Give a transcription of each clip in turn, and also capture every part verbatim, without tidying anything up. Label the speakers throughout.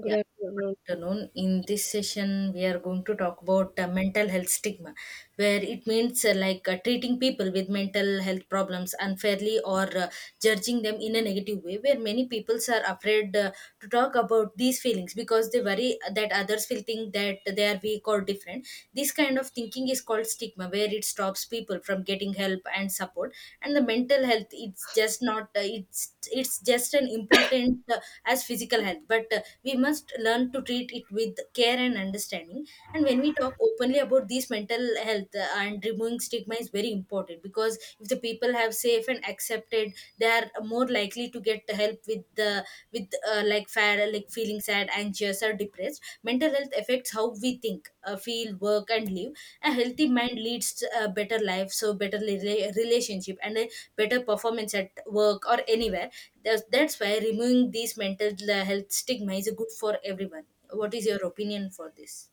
Speaker 1: Good
Speaker 2: Yeah, good
Speaker 1: afternoon.
Speaker 2: afternoon. In this session, we are going to talk about uh, mental health stigma, where it means uh, like uh, treating people with mental health problems unfairly or uh, judging them in a negative way, where many peoples are afraid uh, to talk about these feelings because they worry that others will think that they are weak or different. This kind of thinking is called stigma, where it stops people from getting help and support. And the mental health, it's just not uh, it's it's just an important uh, as physical health, but uh, we must learn to treat it with care and understanding, and when we talk openly about these mental health uh, and removing stigma is very important, because if the people have safe and accepted they are more likely to get help with the with uh, like fair like feeling sad, anxious or depressed. Mental health affects how we think uh, feel, work and live. A healthy mind leads to a better life, so better rela- relationship and a better performance at work or anywhere. That's, that's why removing these mental uh, health stigma is good for everyone. What is your opinion for this?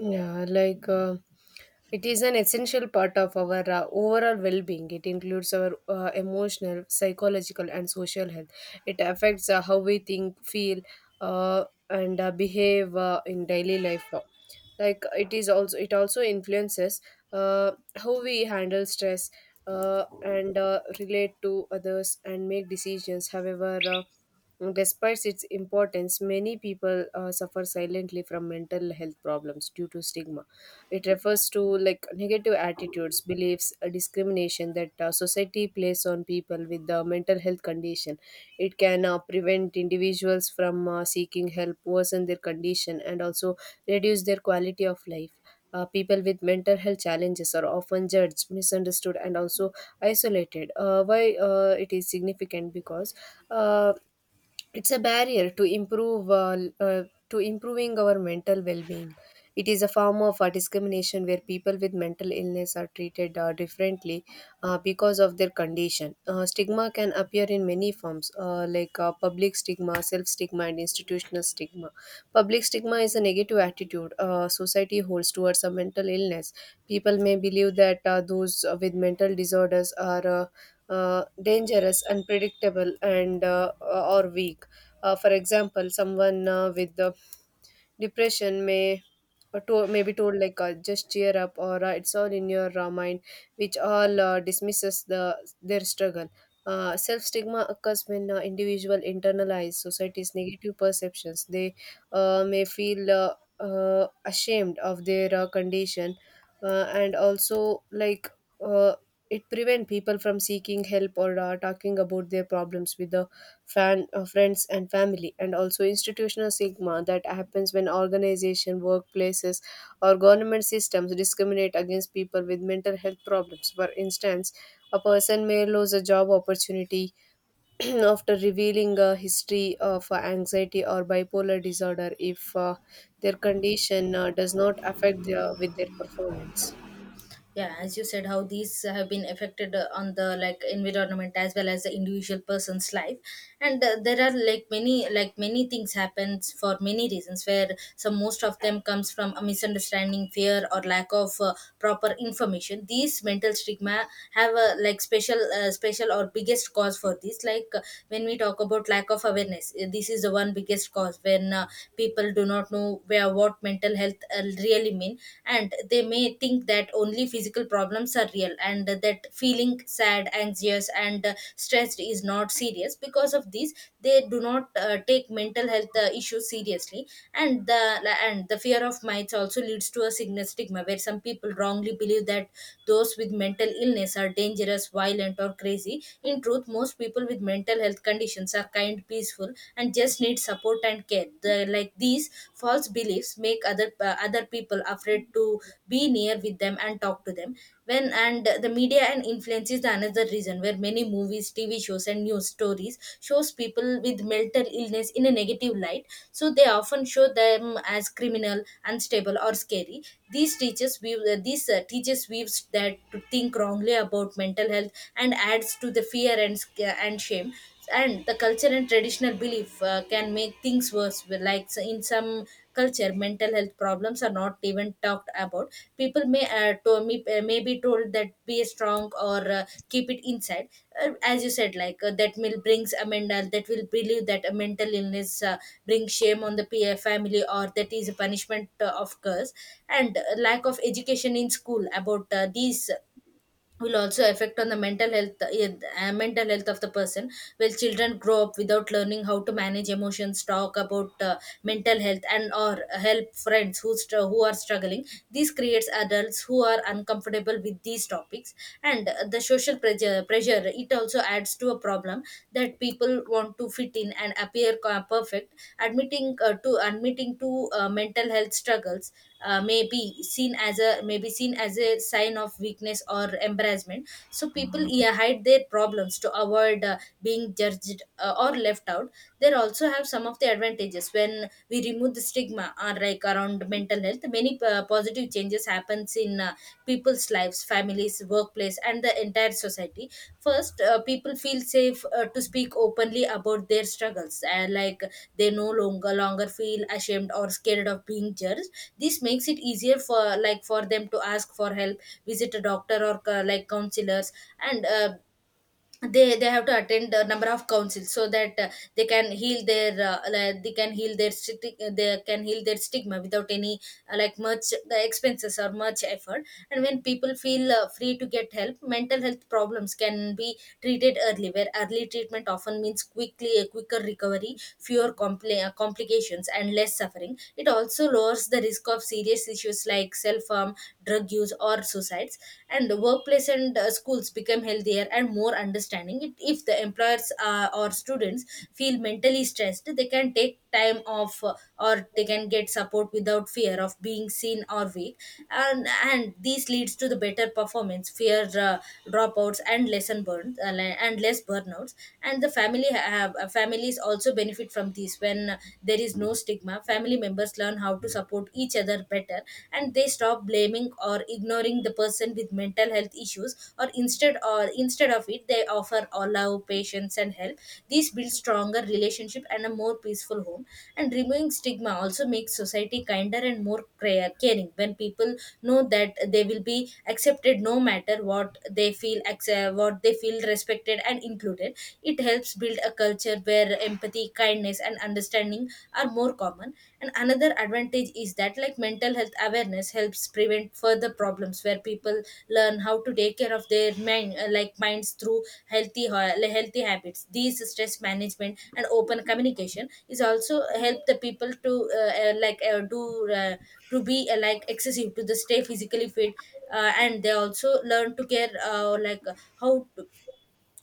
Speaker 1: Yeah, like uh, it is an essential part of our uh, overall well being. It includes our uh, emotional, psychological, and social health. It affects uh, how we think, feel, uh, and uh, behave uh, in daily life. Like it is also, it also influences uh, how we handle stress uh, and uh, relate to others and make decisions. However, uh, Mm, Despite its importance, many people uh, suffer silently from mental health problems due to stigma. It refers to like negative attitudes, beliefs, uh, discrimination that uh, society places on people with the mental health condition. It can uh, prevent individuals from uh, seeking help, worsen their condition, and also reduce their quality of life. Uh, people with mental health challenges are often judged, misunderstood, and also isolated. Uh, why uh, it is significant because. Uh, it's a barrier to improve uh, l- uh, to improving our mental well-being. It is a form of uh, discrimination where people with mental illness are treated uh, differently uh, because of their condition. Uh, stigma can appear in many forms, uh, like uh, public stigma, self-stigma, and institutional stigma. Public stigma is a negative attitude uh, society holds towards a mental illness. People may believe that uh, those uh, with mental disorders are uh, uh, dangerous, unpredictable, and uh, or weak. Uh, for example, someone uh, with uh, depression may or to, may be told like uh, just cheer up or uh, it's all in your uh, mind, which all uh, dismisses the their struggle. Uh, self stigma occurs when uh, individual internalize society's negative perceptions. They uh, may feel uh, uh, ashamed of their uh, condition, uh, and also like uh, it prevent people from seeking help or uh, talking about their problems with the fan, uh, friends and family. And also, institutional stigma that happens when organization, workplaces, or government systems discriminate against people with mental health problems. For instance, a person may lose a job opportunity after revealing a history of uh, anxiety or bipolar disorder if uh, their condition uh, does not affect their, with their performance.
Speaker 2: Yeah, as you said, how these have been affected uh, on the like environment as well as the individual person's life. And uh, there are like many like many things happens for many reasons, where some most of them comes from a misunderstanding, fear or lack of uh, proper information. These mental stigma have a like special uh, special or biggest cause for this like uh, When we talk about lack of awareness, uh, this is the one biggest cause. When uh, people do not know where what mental health health uh, really mean, and they may think that only physical problems are real and that feeling sad, anxious and uh, stressed is not serious. Because of this, they do not uh, take mental health uh, issues seriously. And the and the fear of mites also leads to a sickness stigma, where some people wrongly believe that those with mental illness are dangerous, violent or crazy. In truth, most people with mental health conditions are kind, peaceful and just need support support and care. The, like these false beliefs make other uh, other people afraid to be near with them and talk to them. When and the media and influence is the another reason, where many movies, T V shows, and news stories shows people with mental illness in a negative light. So they often show them as criminal, unstable, or scary. These teachers view uh, these uh, teachers views that to think wrongly about mental health and adds to the fear and sc- uh, and shame. And the culture and traditional belief uh, can make things worse. Well, like so in some culture mental health problems are not even talked about. People may uh, to me uh, may be told that be strong or uh, keep it inside. Uh, as you said, like uh, that will brings a mental that will believe that a mental illness uh, brings shame on the PA family, or that is a punishment uh, of curse. And uh, lack of education in school about uh, these will also affect on the mental health uh, mental health of the person. Well, children grow up without learning how to manage emotions, talk about uh, mental health and or help friends who str who are struggling. This creates adults who are uncomfortable with these topics. And uh, the social pressure pressure it also adds to a problem. That people want to fit in and and appear co- perfect. Admitting uh, to admitting to uh, mental health struggles uh, may be seen as a may be seen as a sign of weakness or embarrassment, so people, yeah, hide their problems to avoid uh, being judged uh, or left out. There also have some of the advantages. When we remove the stigma or like around mental health, many uh, positive changes happens in uh, people's lives, families, workplace and the entire society. First, uh, people feel safe uh, to speak openly about their struggles, and like they no longer longer feel ashamed or scared of being judged. This makes it easier for like for them to ask for help, visit a doctor or uh, like counselors, and uh, they they have to attend a number of councils, so that uh, they can heal their uh, like, they can heal their sti- they can heal their stigma without any uh, like much the expenses or much effort. And when people feel uh, free to get help, mental health problems can be treated early, where early treatment often means quickly a quicker recovery, fewer compli- uh, complications and less suffering. It also lowers the risk of serious issues like self harm, drug use or suicides. And the workplace and uh, schools become healthier and more understanding. It, if the employers uh, or students feel mentally stressed, they can take time off uh, or they can get support without fear of being seen or weak. And and this leads to the better performance, fear uh, dropouts and lesson burn uh, le- and less burnouts. And the family have uh, Families also benefit from this. When uh, there is no stigma, family members members learn how to support each other better, and they stop blaming or ignoring the person with mental health issues. Or instead or Instead of it, they offer all love, patience and help. This builds stronger relationship and a more peaceful home. And removing stigma also makes society kinder and more care- caring. When people know that they will be accepted, no matter what they feel, acce- what they feel respected and included. It helps build a culture where where empathy, kindness and understanding are more common. And another advantage is that like mental health awareness helps prevent further problems, where people learn how to take care of their mind uh, like minds through healthy ho- healthy habits. These stress management and open communication is also help the people to uh, uh, like uh, do uh, to be uh, like excessive to the stay physically fit, uh, and they also learn to care uh, like uh, how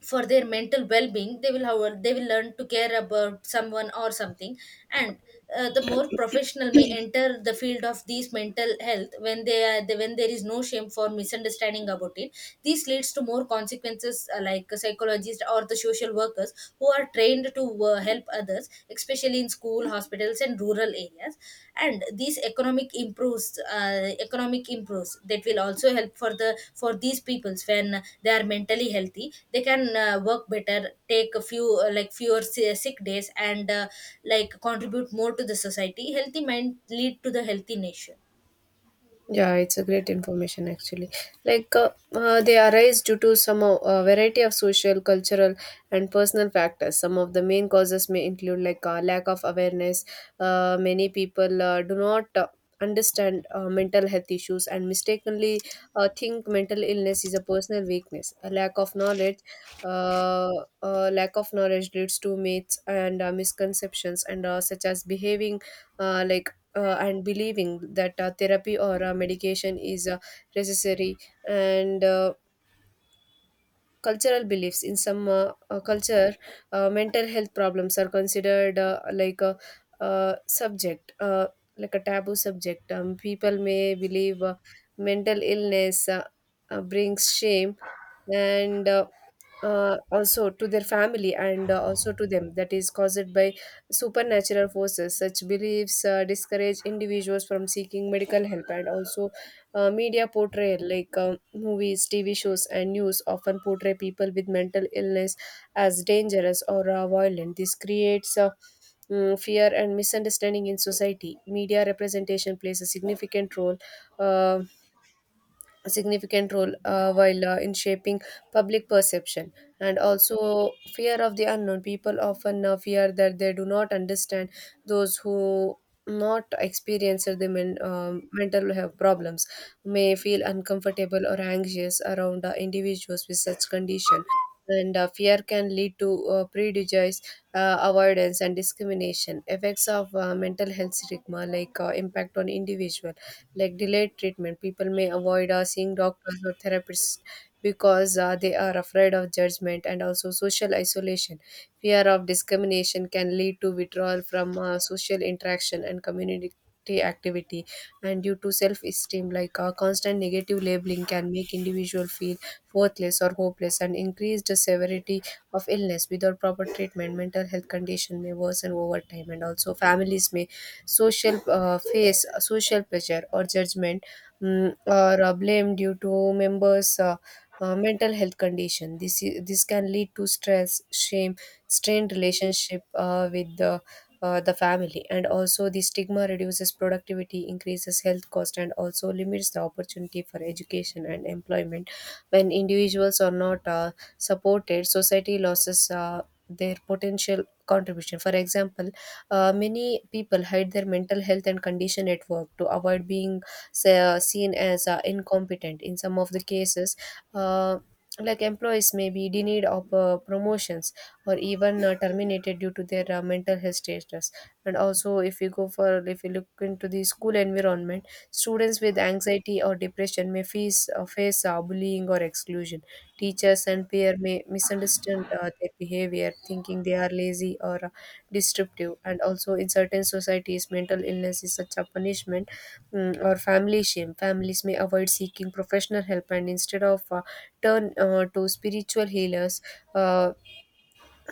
Speaker 2: for their mental well-being. They will, however, they will learn to care about someone or something. And uh, the more professional may enter the field of these mental health, when they are the, when there is no shame for misunderstanding about it. This leads to more consequences, uh, like psychologists or the social workers who are trained to uh, help others, especially especially in school, hospitals, and rural areas. And these economic improves, uh, economic improves that will also help for the for these peoples. When they are mentally healthy, they can uh, work better, take a few uh, like fewer si- sick days, and uh, like contribute more to the society. Healthy mind lead to the healthy nation.
Speaker 1: Yeah, it's a
Speaker 2: Yeah.
Speaker 1: great information actually. Like uh, uh, they arise due to some uh, uh, variety of social, cultural, and personal factors. Some of the main causes may include like uh, lack of awareness. Uh, many people uh, do not uh, understand uh, mental health issues and mistakenly uh, think mental illness is a personal weakness. A lack of knowledge, uh, uh, lack of knowledge leads to myths and uh, misconceptions, and uh, such as behaving uh, like uh, and believing that uh, therapy or uh, medication is uh, necessary. And uh, Cultural beliefs: in some uh, uh, culture, uh, mental health problems are considered uh, like a uh, subject uh, like a taboo subject. Um, people may believe uh, mental illness uh, uh, brings shame and uh, uh, also to their family and uh, also to them, that is caused by supernatural forces. Such beliefs uh, discourage individuals from seeking medical help. And also, uh, media portrayal, like um, movies, T V shows, and news often portray people with mental illness as dangerous or uh, violent. This creates a mm, fear and misunderstanding in society. Media representation plays a significant role uh, a significant role uh, while uh, in shaping public perception. And also, fear of the unknown. People often uh, fear that they do not understand. Those who not experience the men, um, mental health problems may feel uncomfortable or anxious around uh, individuals with such condition, and uh, fear can lead to uh, prejudice, uh, avoidance, and discrimination. Effects of uh, mental health stigma, like uh, impact on individual, like delayed treatment. People may avoid uh, seeing doctors or therapists because uh, they are afraid of judgment. And also, social isolation. Fear of discrimination can lead to withdrawal from uh, social interaction and community activity. And due to self-esteem, like uh, constant negative labeling can make individual feel worthless or hopeless, and increase the severity of illness. Without proper treatment, mental health condition may worsen over time. And also, families may social uh, face uh, social pressure or judgment, mm, or uh, blame due to members uh, uh, mental health condition. This is, this can lead to stress, shame, strained relationship uh, with the uh, the family. And also, the stigma reduces productivity, increases health cost, and also limits the opportunity for education and employment. When individuals are not uh, supported, society loses uh, their potential contribution. For example, uh, many people hide their mental health and condition at work to avoid being se- seen as uh, incompetent. In some of the cases, uh, like employees may be denied of uh, promotions or even uh, terminated due to their uh, mental health status. And also, if you go for if you look into the school environment, students with anxiety or depression may face uh, face uh, bullying or exclusion. Teachers and peer may misunderstand uh, their behavior, thinking they are lazy or disruptive. And also, in certain societies, mental illness is such a punishment mm, or family shame. Families may avoid seeking professional help, and instead of uh, turn uh, to spiritual healers. Uh,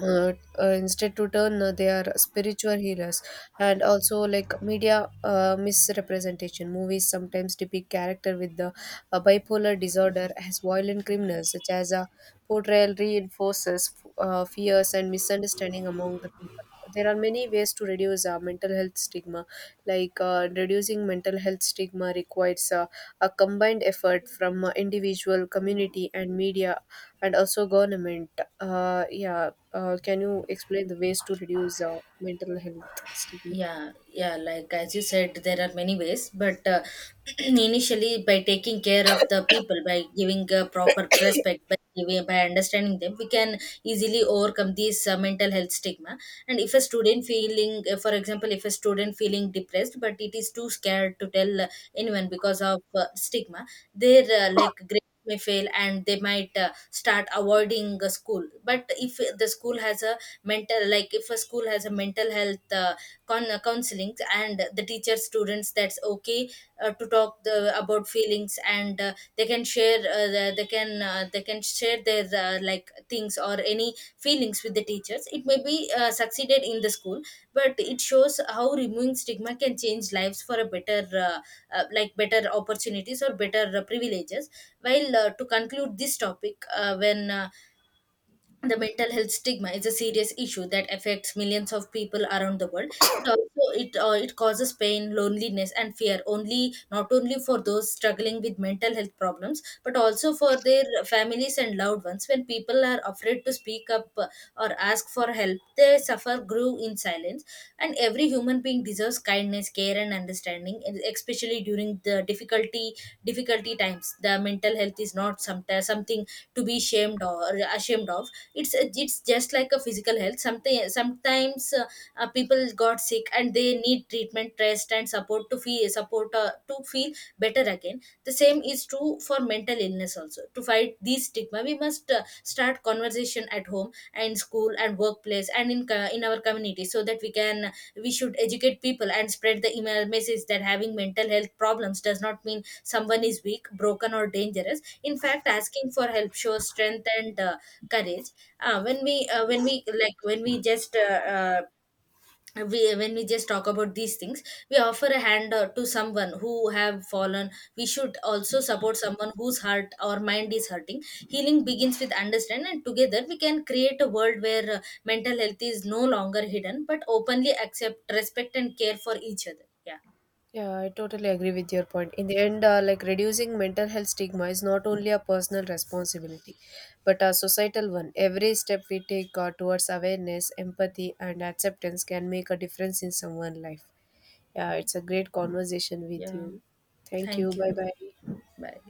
Speaker 1: uh, uh, Instead to turn uh, their spiritual healers. And also, like media uh, misrepresentation: movies sometimes depict character with the uh, bipolar disorder as violent criminals. Such as a portrayal reinforces uh, fears and misunderstanding among the people. There are many ways to reduce uh, mental health stigma like uh, Reducing mental health stigma requires uh, a combined effort from uh, individual, community, and media, and also government. uh, yeah uh, can you explain the ways to reduce uh, mental health stigma?
Speaker 2: yeah yeah like as you said, there are many ways, but uh, initially by taking care of the people, by giving uh, proper respect, by giving, by understanding them, we can easily overcome this uh, mental health stigma. And if a student feeling uh, for example, if a student feeling depressed but it is too scared to tell uh, anyone because of uh, stigma, their uh, like great may fail and they might uh, start avoiding the school. But if the school has a mental like if a school has a mental health uh, con- uh, counseling and the teacher students that's okay uh, to talk the, about feelings, and uh, they can share uh, the, they can uh, uh, they can share their uh, like things or any feelings with the teachers, it may be uh, succeeded in the school. But it shows how removing stigma can change lives for a better, uh, uh, like better opportunities or better uh, privileges. While uh, to conclude this topic, uh, when uh, the mental health stigma is a serious issue that affects millions of people around the world. It also it uh, it causes pain, loneliness and fear, only not only for those struggling with mental health problems, but also for their families and loved ones. When people are afraid to speak up, uh, or ask for help, they suffer grew in silence. And every human being deserves kindness, care and understanding, and especially during the difficulty difficulty times. The mental health is not sometimes something to be shamed or ashamed of. It's it's just like a physical health. Something sometimes uh, uh, people got sick and they need treatment, rest and support to feel support uh, to feel better again. The same is true for mental illness also. To fight these stigma, we must uh, start conversation at home and school and workplace and in co- in our community, so that we can we should educate people and spread the email message that having mental health problems does not mean someone is weak, broken or dangerous. In fact, asking for help shows strength and uh, courage. Uh, when we uh, when we like when we just uh, uh, we When we just talk about these things, we offer a hand uh, to someone who have fallen. We should also support someone whose heart or mind is hurting. Healing begins with understanding, and together we can create a world where uh, mental health is no longer hidden, but openly accept, respect and care for each other. Yeah.
Speaker 1: Yeah, I totally agree with your point. In the end, uh, like reducing mental health stigma is not only a personal responsibility, but a societal one. Every step we take uh, towards awareness, empathy, and acceptance can make a difference in someone's life. Yeah, it's a great conversation with
Speaker 2: Yeah.
Speaker 1: you. Thank you.
Speaker 2: Thank you.
Speaker 1: Bye bye.
Speaker 2: Bye.